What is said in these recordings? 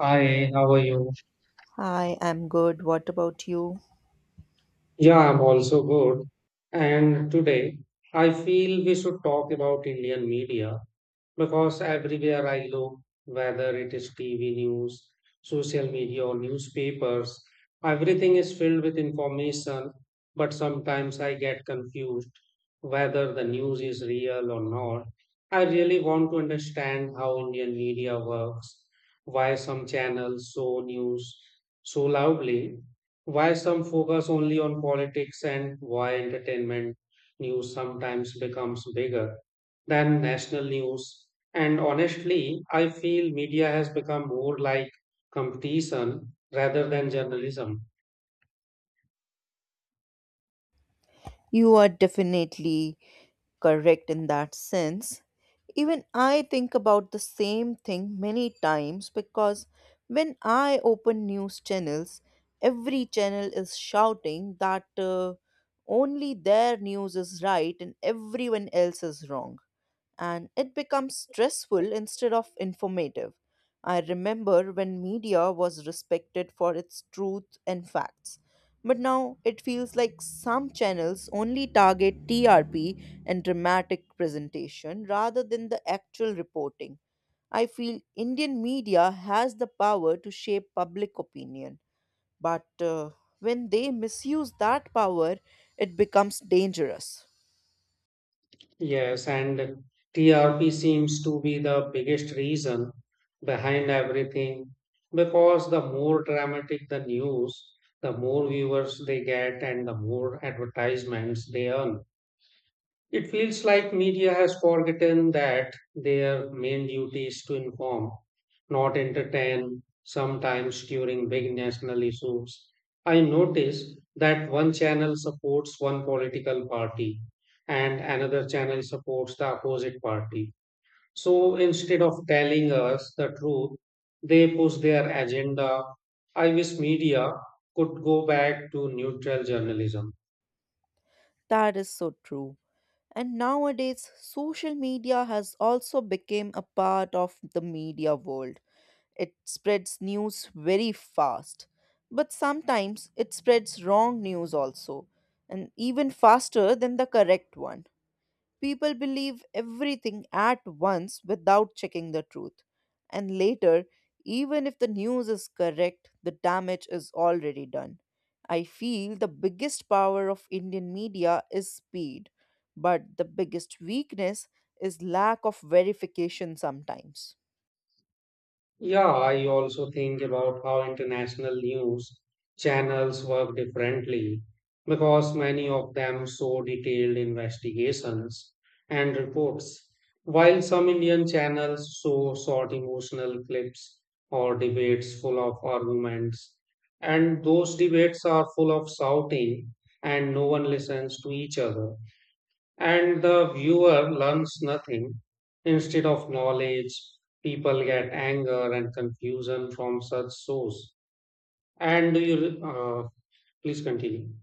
Hi, how are you? I'm good. What about you? Yeah, I'm also good. And today I feel we should talk about Indian media. Because everywhere I look, whether it is TV news, social media, or newspapers, everything is filled with information. But sometimes I get confused whether the news is real or not. I really want to understand how Indian media works, why some channels show news so loudly, why some focus only on politics, and why entertainment news sometimes becomes bigger than national news. And honestly, I feel media has become more like competition rather than journalism. You are definitely correct in that sense. Even I think about the same thing many times because when I open news channels, every channel is shouting that only their news is right and everyone else is wrong. And it becomes stressful instead of informative. I remember when media was respected for its truth and facts. But now it feels like some channels only target TRP and dramatic presentation rather than the actual reporting. I feel Indian media has the power to shape public opinion, but when they misuse that power, it becomes dangerous. Yes, and TRP seems to be the biggest reason behind everything, because the more dramatic the news, the more viewers they get and the more advertisements they earn. It feels like media has forgotten that their main duty is to inform, not entertain, sometimes during big national issues. I notice that one channel supports one political party and another channel supports the opposite party. So instead of telling us the truth, they push their agenda. I wish media could go back to neutral journalism. That is so true. And nowadays, social media has also become a part of the media world. It spreads news very fast, but sometimes it spreads wrong news also, and even faster than the correct one. People believe everything at once without checking the truth. And later, even if the news is correct, the damage is already done. I feel the biggest power of Indian media is speed, but the biggest weakness is lack of verification sometimes. Yeah, I also think about how international news channels work differently, because many of them show detailed investigations and reports, while some Indian channels show short emotional clips or debates full of arguments. And those debates are full of shouting, and no one listens to each other and the viewer learns nothing. Instead of knowledge, people get anger and confusion from such shows. And do you please continue?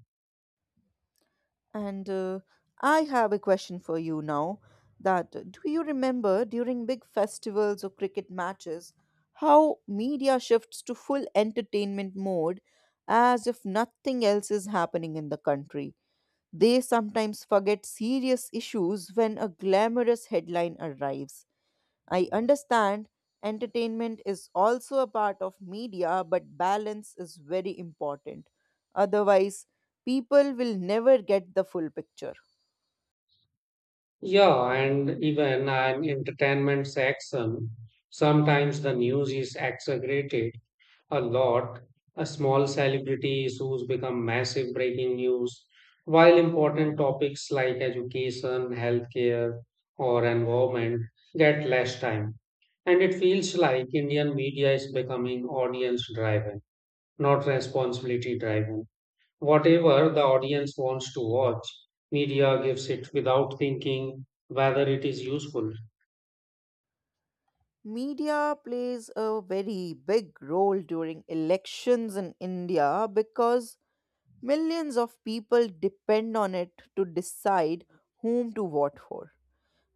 And I have a question for you now that do you remember during big festivals or cricket matches how media shifts to full entertainment mode as if nothing else is happening in the country? They sometimes forget serious issues when a glamorous headline arrives. I understand entertainment is also a part of media, but balance is very important. Otherwise, people will never get the full picture. Yeah, and even an entertainment section, sometimes the news is exaggerated a lot. A small celebrity issues become massive breaking news, while important topics like education, healthcare, or environment get less time. And it feels like Indian media is becoming audience driven, not responsibility driven. Whatever the audience wants to watch, media gives it without thinking whether it is useful. Media plays a very big role during elections in India because millions of people depend on it to decide whom to vote for.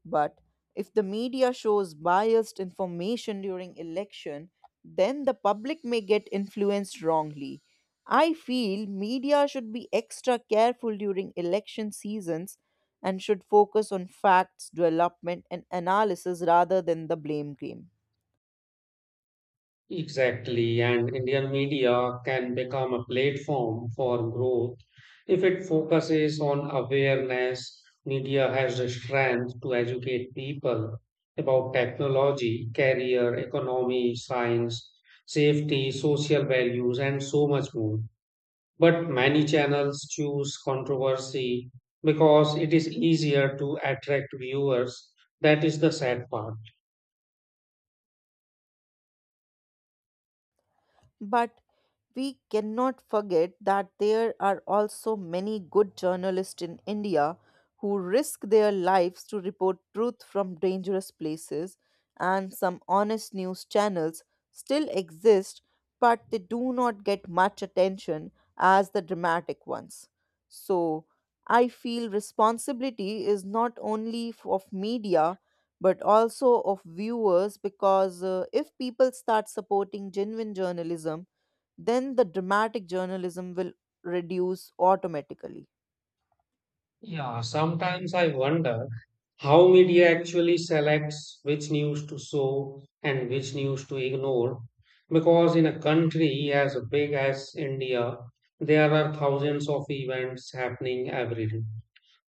But if the media shows biased information during election, then the public may get influenced wrongly. I feel media should be extra careful during election seasons and should focus on facts, development, and analysis rather than the blame game. Exactly, and Indian media can become a platform for growth if it focuses on awareness. Media has the strength to educate people about technology, career, economy, science, safety, social values, and so much more. But many channels choose controversy because it is easier to attract viewers. That is the sad part. But we cannot forget that there are also many good journalists in India who risk their lives to report truth from dangerous places, and some honest news channels still exist, but they do not get much attention as the dramatic ones. So, I feel responsibility is not only of media but also of viewers because if people start supporting genuine journalism, then the dramatic journalism will reduce automatically. Yeah, sometimes I wonder how media actually selects which news to show and which news to ignore. Because in a country as big as India, there are thousands of events happening every day.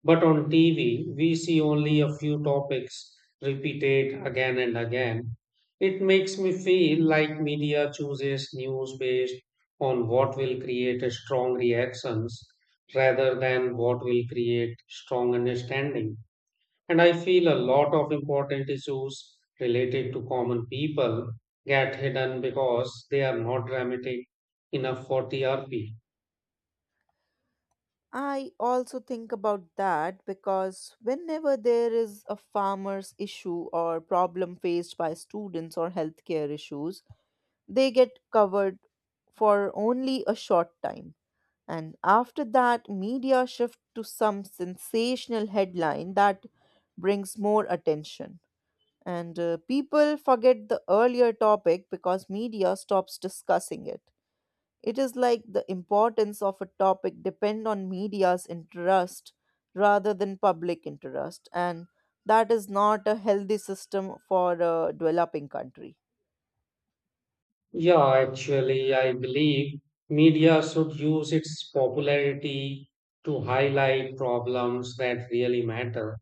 But on TV, we see only a few topics repeated again and again. It makes me feel like media chooses news based on what will create a strong reactions rather than what will create strong understanding. And I feel a lot of important issues related to common people get hidden because they are not dramatic enough for TRP. I also think about that because whenever there is a farmer's issue or problem faced by students or healthcare issues, they get covered for only a short time. And after that, media shift to some sensational headline that brings more attention. And people forget the earlier topic because media stops discussing it. It is like the importance of a topic depend on media's interest rather than public interest, and that is not a healthy system for a developing country. Yeah, actually, I believe media should use its popularity to highlight problems that really matter,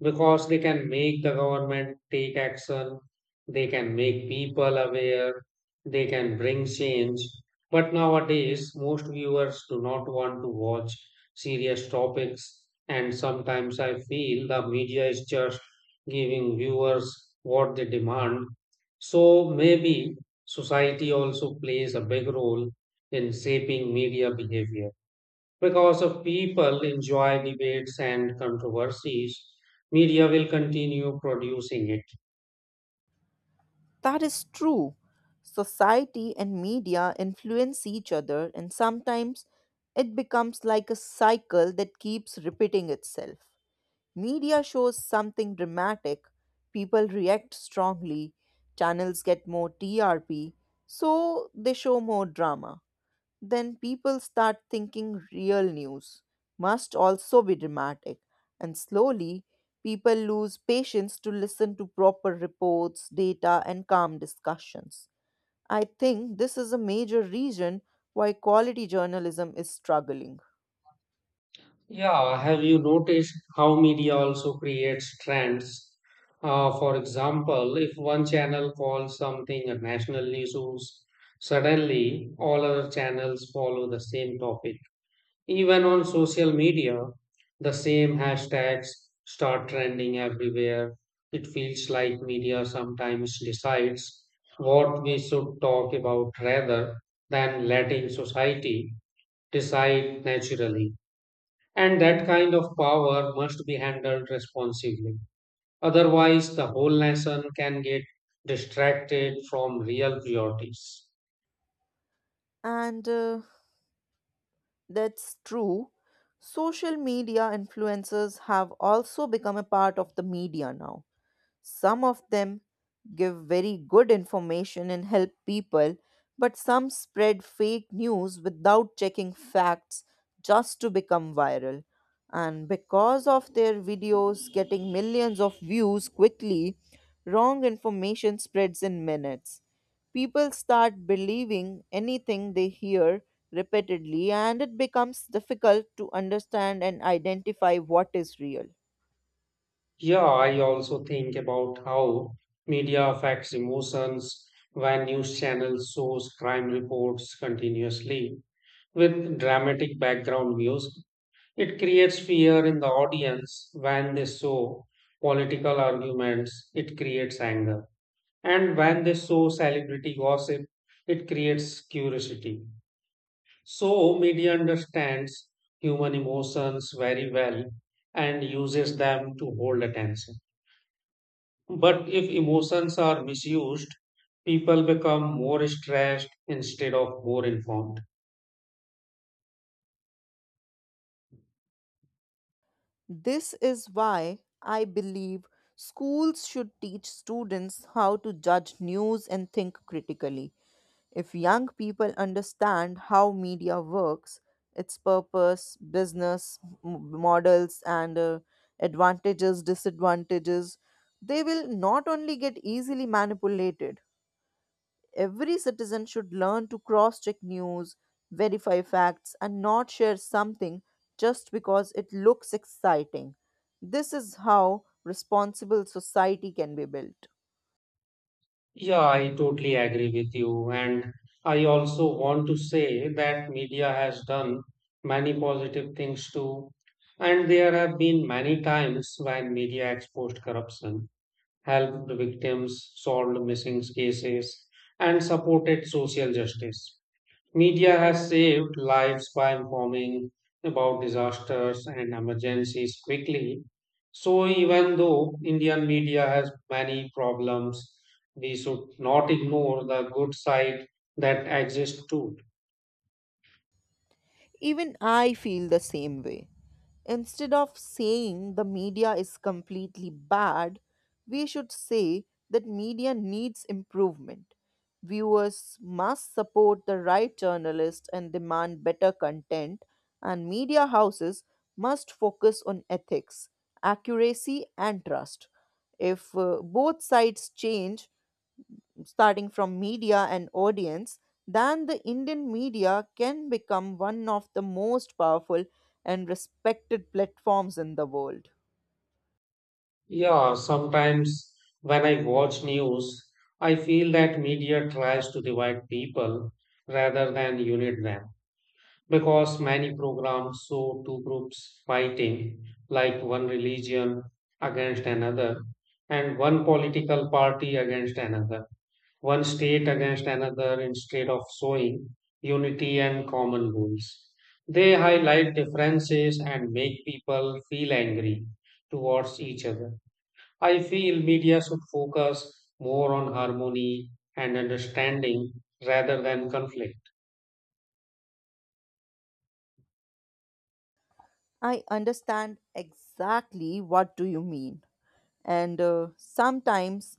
because they can make the government take action, they can make people aware, they can bring change. But nowadays, most viewers do not want to watch serious topics, and sometimes I feel the media is just giving viewers what they demand. So maybe society also plays a big role in shaping media behavior. Because of people enjoy debates and controversies, media will continue producing it. That is true. Society and media influence each other, and sometimes it becomes like a cycle that keeps repeating itself. Media shows something dramatic, people react strongly, channels get more TRP, so they show more drama. Then people start thinking real news must also be dramatic. And slowly, people lose patience to listen to proper reports, data, and calm discussions. I think this is a major reason why quality journalism is struggling. Yeah, have you noticed how media also creates trends? For example, if one channel calls something a national news, suddenly all other channels follow the same topic. Even on social media, the same hashtags start trending everywhere. It feels like media sometimes decides what we should talk about rather than letting society decide naturally. And that kind of power must be handled responsibly. Otherwise, the whole nation can get distracted from real priorities. And that's true. Social media influencers have also become a part of the media now. Some of them give very good information and help people, but some spread fake news without checking facts just to become viral. And because of their videos getting millions of views quickly, wrong information spreads in minutes. People start believing anything they hear repeatedly, and it becomes difficult to understand and identify what is real. Yeah, I also think about how media affects emotions when news channels shows crime reports continuously with dramatic background music. It creates fear in the audience. When they show political arguments, it creates anger. And when they show celebrity gossip, it creates curiosity. So, media understands human emotions very well and uses them to hold attention. But if emotions are misused, people become more stressed instead of more informed. This is why I believe schools should teach students how to judge news and think critically. If young people understand how media works, its purpose, business models, and advantages, disadvantages, they will not only get easily manipulated. Every citizen should learn to cross check news, verify facts, and not share something just because it looks exciting. This is how responsible society can be built. Yeah, I totally agree with you. And I also want to say that media has done many positive things too. And there have been many times when media exposed corruption, helped victims, solved missing cases, and supported social justice. Media has saved lives by informing about disasters and emergencies quickly. So, even though Indian media has many problems, we should not ignore the good side that exists too. Even I feel the same way. Instead of saying the media is completely bad, we should say that media needs improvement. Viewers must support the right journalists and demand better content, and media houses must focus on ethics, accuracy, and trust. If both sides change, starting from media and audience, then the Indian media can become one of the most powerful and respected platforms in the world. Yeah, sometimes when I watch news, I feel that media tries to divide people rather than unite them, because many programs show two groups fighting, like one religion against another, and one political party against another, one state against another, instead of showing unity and common rules. They highlight differences and make people feel angry towards each other. I feel media should focus more on harmony and understanding rather than conflict. I understand exactly what do you mean. And sometimes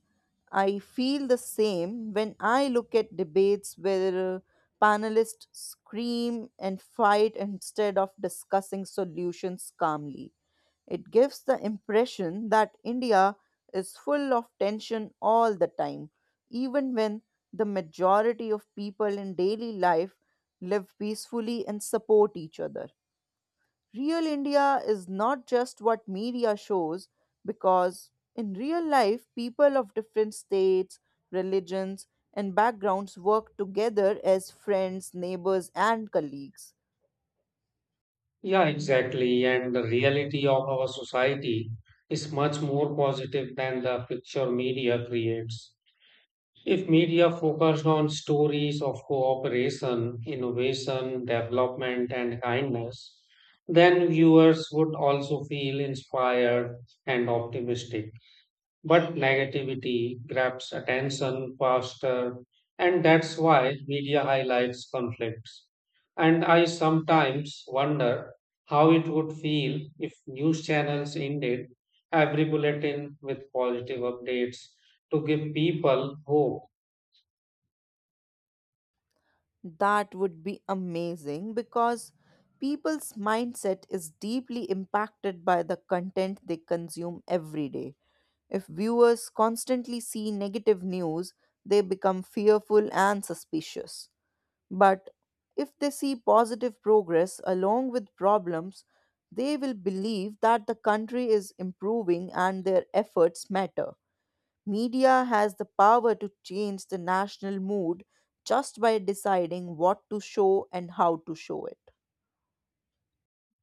I feel the same when I look at debates where panelists scream and fight instead of discussing solutions calmly. It gives the impression that India is full of tension all the time, even when the majority of people in daily life live peacefully and support each other. Real India is not just what media shows, because in real life, people of different states, religions, and backgrounds work together as friends, neighbors, and colleagues. Yeah, exactly. And the reality of our society is much more positive than the picture media creates. If media focused on stories of cooperation, innovation, development, and kindness, then viewers would also feel inspired and optimistic. But negativity grabs attention faster, and that's why media highlights conflicts. And I sometimes wonder how it would feel if news channels ended every bulletin with positive updates to give people hope. That would be amazing because people's mindset is deeply impacted by the content they consume every day. If viewers constantly see negative news, they become fearful and suspicious. But if they see positive progress along with problems, they will believe that the country is improving and their efforts matter. Media has the power to change the national mood just by deciding what to show and how to show it.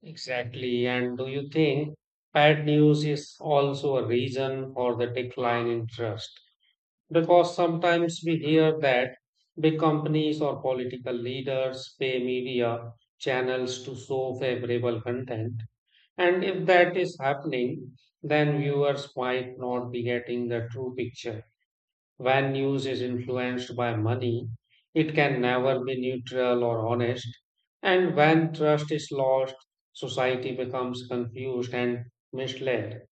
Exactly. And do you think bad news is also a reason for the decline in trust? Because sometimes we hear that big companies or political leaders pay media channels to show favorable content. And if that is happening, then viewers might not be getting the true picture. When news is influenced by money, it can never be neutral or honest. And when trust is lost, society becomes confused and misled.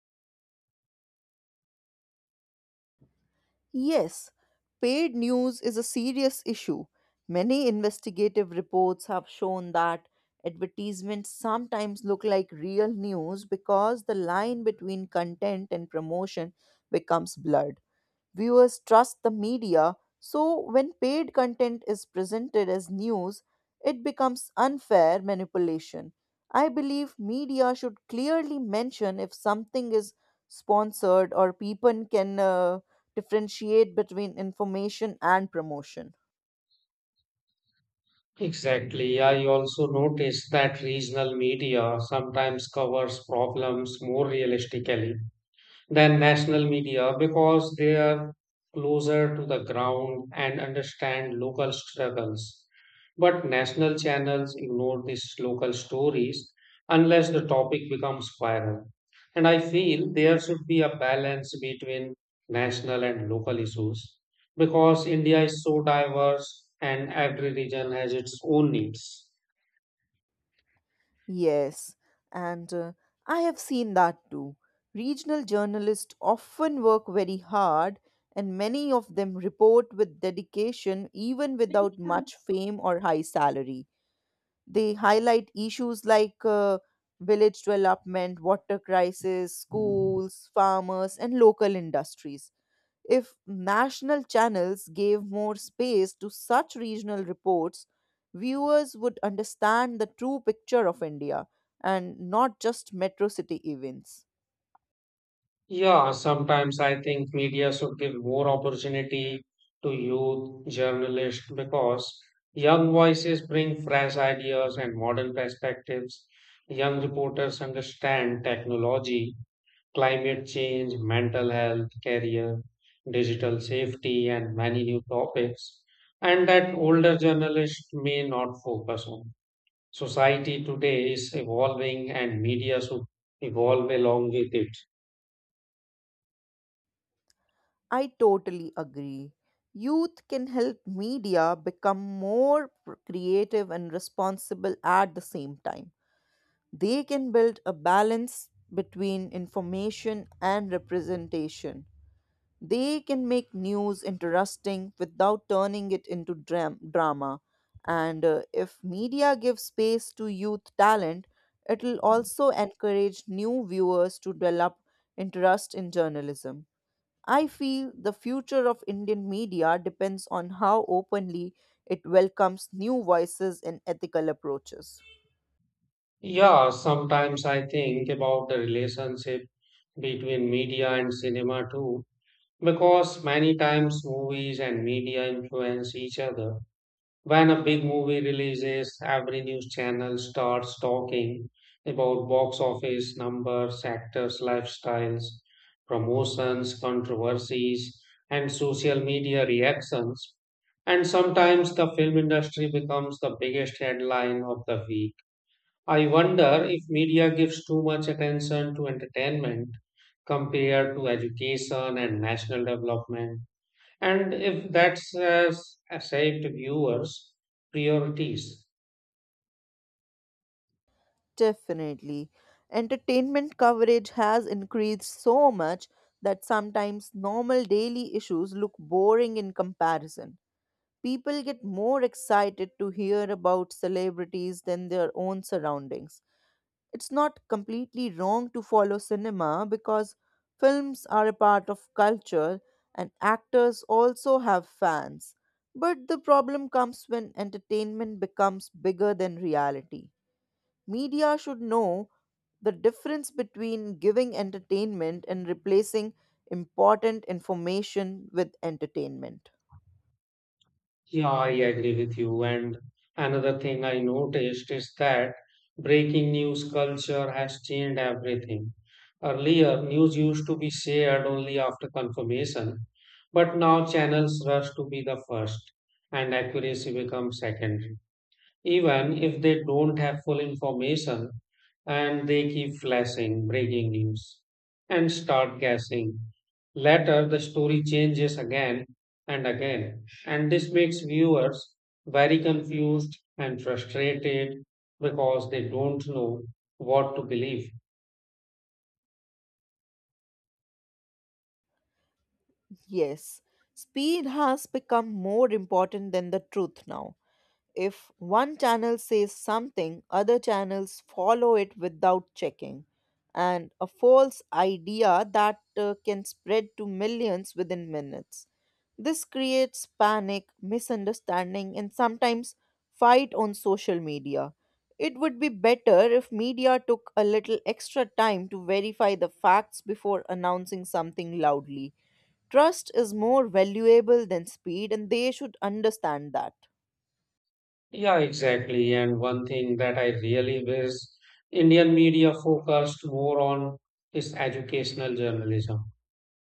Yes, paid news is a serious issue. Many investigative reports have shown that advertisements sometimes look like real news because the line between content and promotion becomes blurred. Viewers trust the media, so when paid content is presented as news, it becomes unfair manipulation. I believe media should clearly mention if something is sponsored or people can differentiate between information and promotion. Exactly. I also noticed that regional media sometimes covers problems more realistically than national media, because they are closer to the ground and understand local struggles. But national channels ignore these local stories unless the topic becomes viral. And I feel there should be a balance between national and local issues because India is so diverse and every region has its own needs. Yes, and I have seen that too. Regional journalists often work very hard, and many of them report with dedication even without much fame or high salary. They highlight issues like village development, water crisis, schools, farmers, and local industries. If national channels gave more space to such regional reports, viewers would understand the true picture of India and not just metro city events. Yeah, sometimes I think media should give more opportunity to youth journalists because young voices bring fresh ideas and modern perspectives. Young reporters understand technology, climate change, mental health, career, digital safety, and many new topics, and that older journalists may not focus on. Society today is evolving, and media should evolve along with it. I totally agree. Youth can help media become more creative and responsible at the same time. They can build a balance between information and representation. They can make news interesting without turning it into drama. And if media gives space to youth talent, it will also encourage new viewers to develop interest in journalism. I feel the future of Indian media depends on how openly it welcomes new voices and ethical approaches. Yeah, sometimes I think about the relationship between media and cinema too, because many times movies and media influence each other. When a big movie releases, every news channel starts talking about box office numbers, actors' lifestyles, promotions, controversies, and social media reactions. And sometimes the film industry becomes the biggest headline of the week. I wonder if media gives too much attention to entertainment compared to education and national development, and if that's has shaped viewers' priorities. Definitely. Entertainment coverage has increased so much that sometimes normal daily issues look boring in comparison. People get more excited to hear about celebrities than their own surroundings. It's not completely wrong to follow cinema because films are a part of culture and actors also have fans. But the problem comes when entertainment becomes bigger than reality. Media should know the difference between giving entertainment and replacing important information with entertainment. Yeah, I agree with you. And another thing I noticed is that breaking news culture has changed everything. Earlier, news used to be shared only after confirmation, but now channels rush to be the first, and accuracy becomes secondary. Even if they don't have full information, and they keep flashing breaking news and start guessing. Later, the story changes again and again, and this makes viewers very confused and frustrated because they don't know what to believe. Yes, speed has become more important than the truth now. If one channel says something, other channels follow it without checking. And a false idea that can spread to millions within minutes. This creates panic, misunderstanding, and sometimes fight on social media. It would be better if media took a little extra time to verify the facts before announcing something loudly. Trust is more valuable than speed, and they should understand that. Yeah, exactly. And one thing that I really wish Indian media focused more on is educational journalism.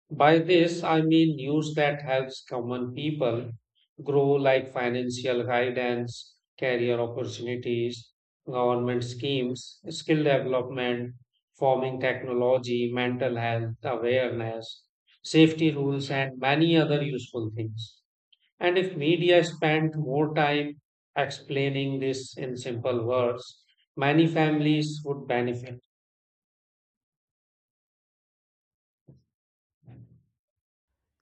By this, I mean news that helps common people grow, like financial guidance, career opportunities, government schemes, skill development, farming technology, mental health awareness, safety rules, and many other useful things. And if media spent more time explaining this in simple words, many families would benefit.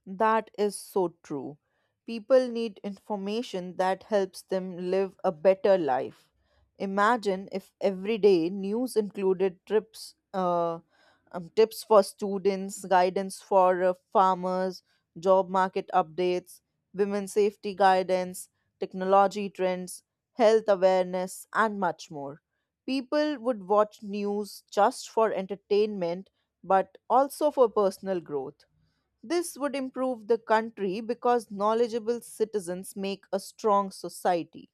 That is so true. People need information that helps them live a better life. Imagine if every day news included tips for students, guidance for farmers, job market updates, women's safety guidance, technology trends, health awareness, and much more. People would watch news just for entertainment, but also for personal growth. This would improve the country because knowledgeable citizens make a strong society.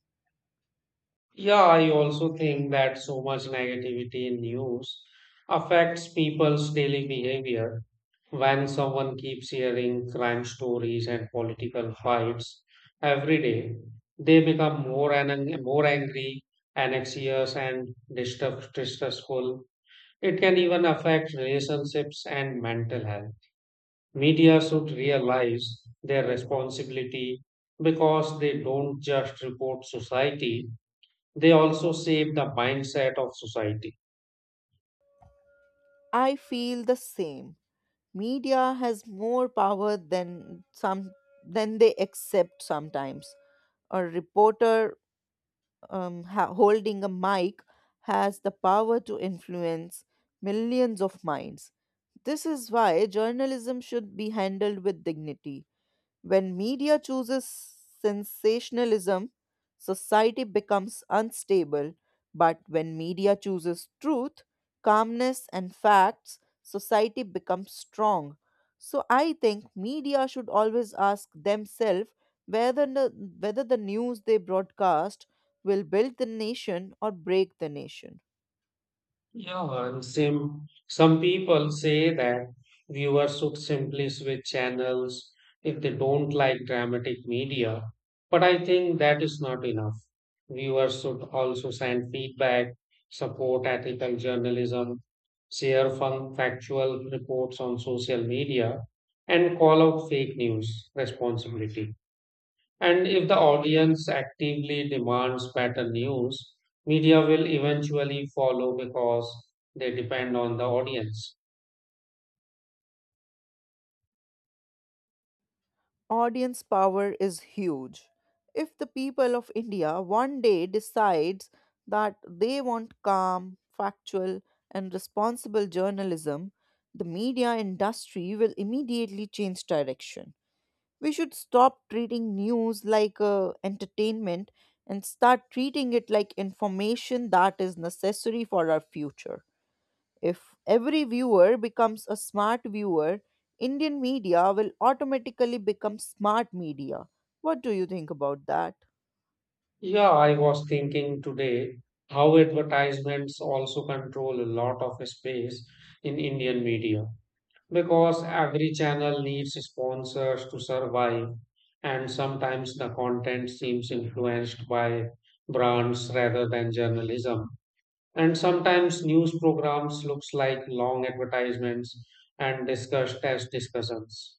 Yeah, I also think that so much negativity in news affects people's daily behavior. When someone keeps hearing crime stories and political fights every day, they become more and more angry, anxious, and distrustful. It can even affect relationships and mental health. Media should realize their responsibility because they don't just report society, they also shape the mindset of society. I feel the same. Media has more power than some than they accept sometimes. A reporter holding a mic has the power to influence millions of minds. This is why journalism should be handled with dignity. When media chooses sensationalism, society becomes unstable. But when media chooses truth, calmness, and facts, society becomes strong. So I think media should always ask themselves whether the, whether the news they broadcast will build the nation or break the nation. Yeah, and some people say that viewers should simply switch channels if they don't like dramatic media. But I think that is not enough. Viewers should also send feedback, support ethical journalism, share fun factual reports on social media, and call out fake news responsibility. And if the audience actively demands better news, media will eventually follow because they depend on the audience. Audience power is huge. If the people of India one day decides that they want calm, factual, and responsible journalism, the media industry will immediately change direction. We should stop treating news like entertainment and start treating it like information that is necessary for our future. If every viewer becomes a smart viewer, Indian media will automatically become smart media. What do you think about that? Yeah, I was thinking today how advertisements also control a lot of space in Indian media, because every channel needs sponsors to survive, and sometimes the content seems influenced by brands rather than journalism. And sometimes news programs looks like long advertisements and discuss test discussions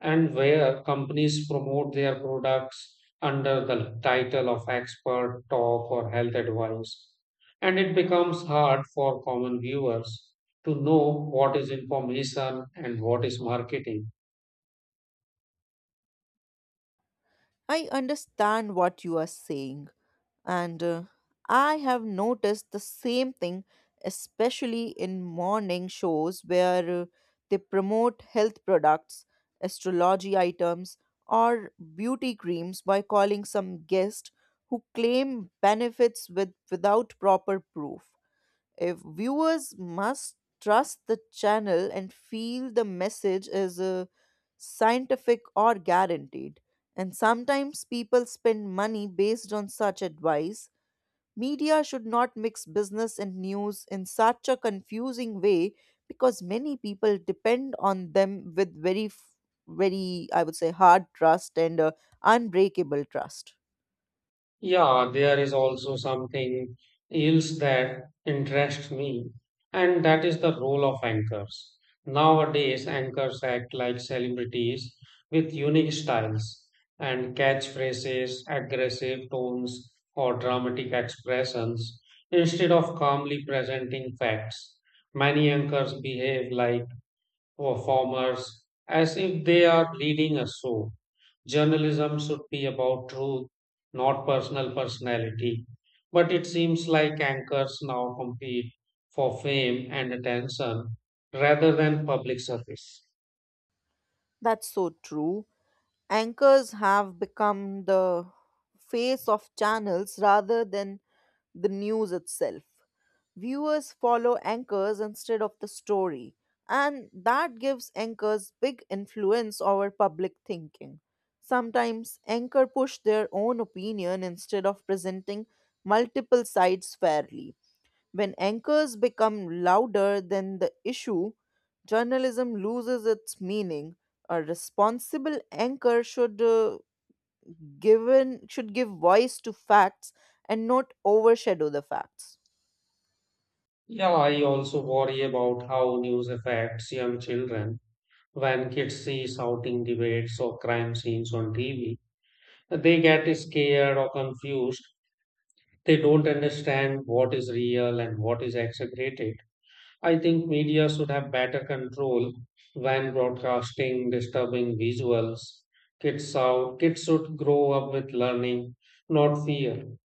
and where companies promote their products under the title of expert talk or health advice, and it becomes hard for common viewers to know what is information and what is marketing. I understand what you are saying, and I have noticed the same thing, especially in morning shows where they promote health products, astrology items, or beauty creams by calling some guest who claim benefits without proper proof. If viewers must trust the channel and feel the message is scientific or guaranteed, and sometimes people spend money based on such advice, media should not mix business and news in such a confusing way because many people depend on them with I would say, hard trust and unbreakable trust. Yeah, there is also something else that interests me, and that is the role of anchors. Nowadays, anchors act like celebrities with unique styles and catchphrases, aggressive tones, or dramatic expressions instead of calmly presenting facts. Many anchors behave like performers as if they are leading a show. Journalism should be about truth, not personal personality. But it seems like anchors now compete for fame and attention rather than public service. That's so true. Anchors have become the face of channels rather than the news itself. Viewers follow anchors instead of the story, and that gives anchors big influence over public thinking. Sometimes anchor push their own opinion instead of presenting multiple sides fairly. When anchors become louder than the issue, journalism loses its meaning. A responsible anchor should give voice to facts and not overshadow the facts. Yeah, I also worry about how news affects young children. When kids see shouting debates or crime scenes on TV, they get scared or confused. They don't understand what is real and what is exaggerated. I think media should have better control when broadcasting disturbing visuals. Kids should grow up with learning, not fear.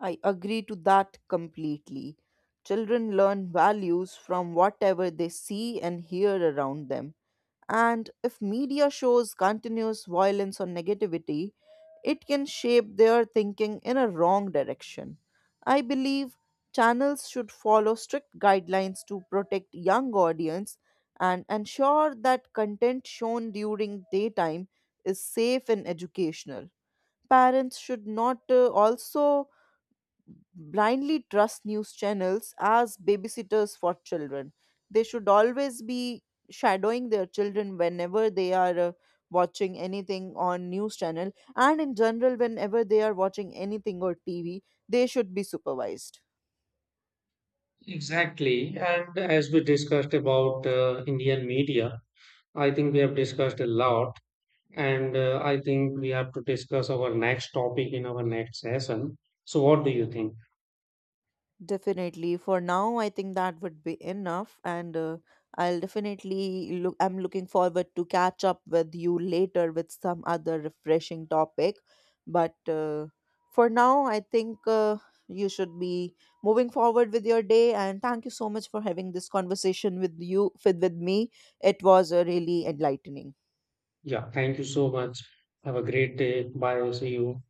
I agree to that completely. Children learn values from whatever they see and hear around them. And if media shows continuous violence or negativity, it can shape their thinking in a wrong direction. I believe channels should follow strict guidelines to protect young audience and ensure that content shown during daytime is safe and educational. Parents should not also blindly trust news channels as babysitters for children. They should always be shadowing their children whenever they are watching anything on news channel, and in general whenever they are watching anything or TV, they should be supervised. Exactly. And as we discussed about Indian media, I think we have discussed a lot. And I think we have to discuss our next topic in our next session. So, what do you think? Definitely. For now, I think that would be enough, and I'll definitely look. I'm looking forward to catch up with you later with some other refreshing topic. But for now, I think you should be moving forward with your day. And thank you so much for having this conversation with me. It was really enlightening. Yeah, thank you so much. Have a great day. Bye. See you.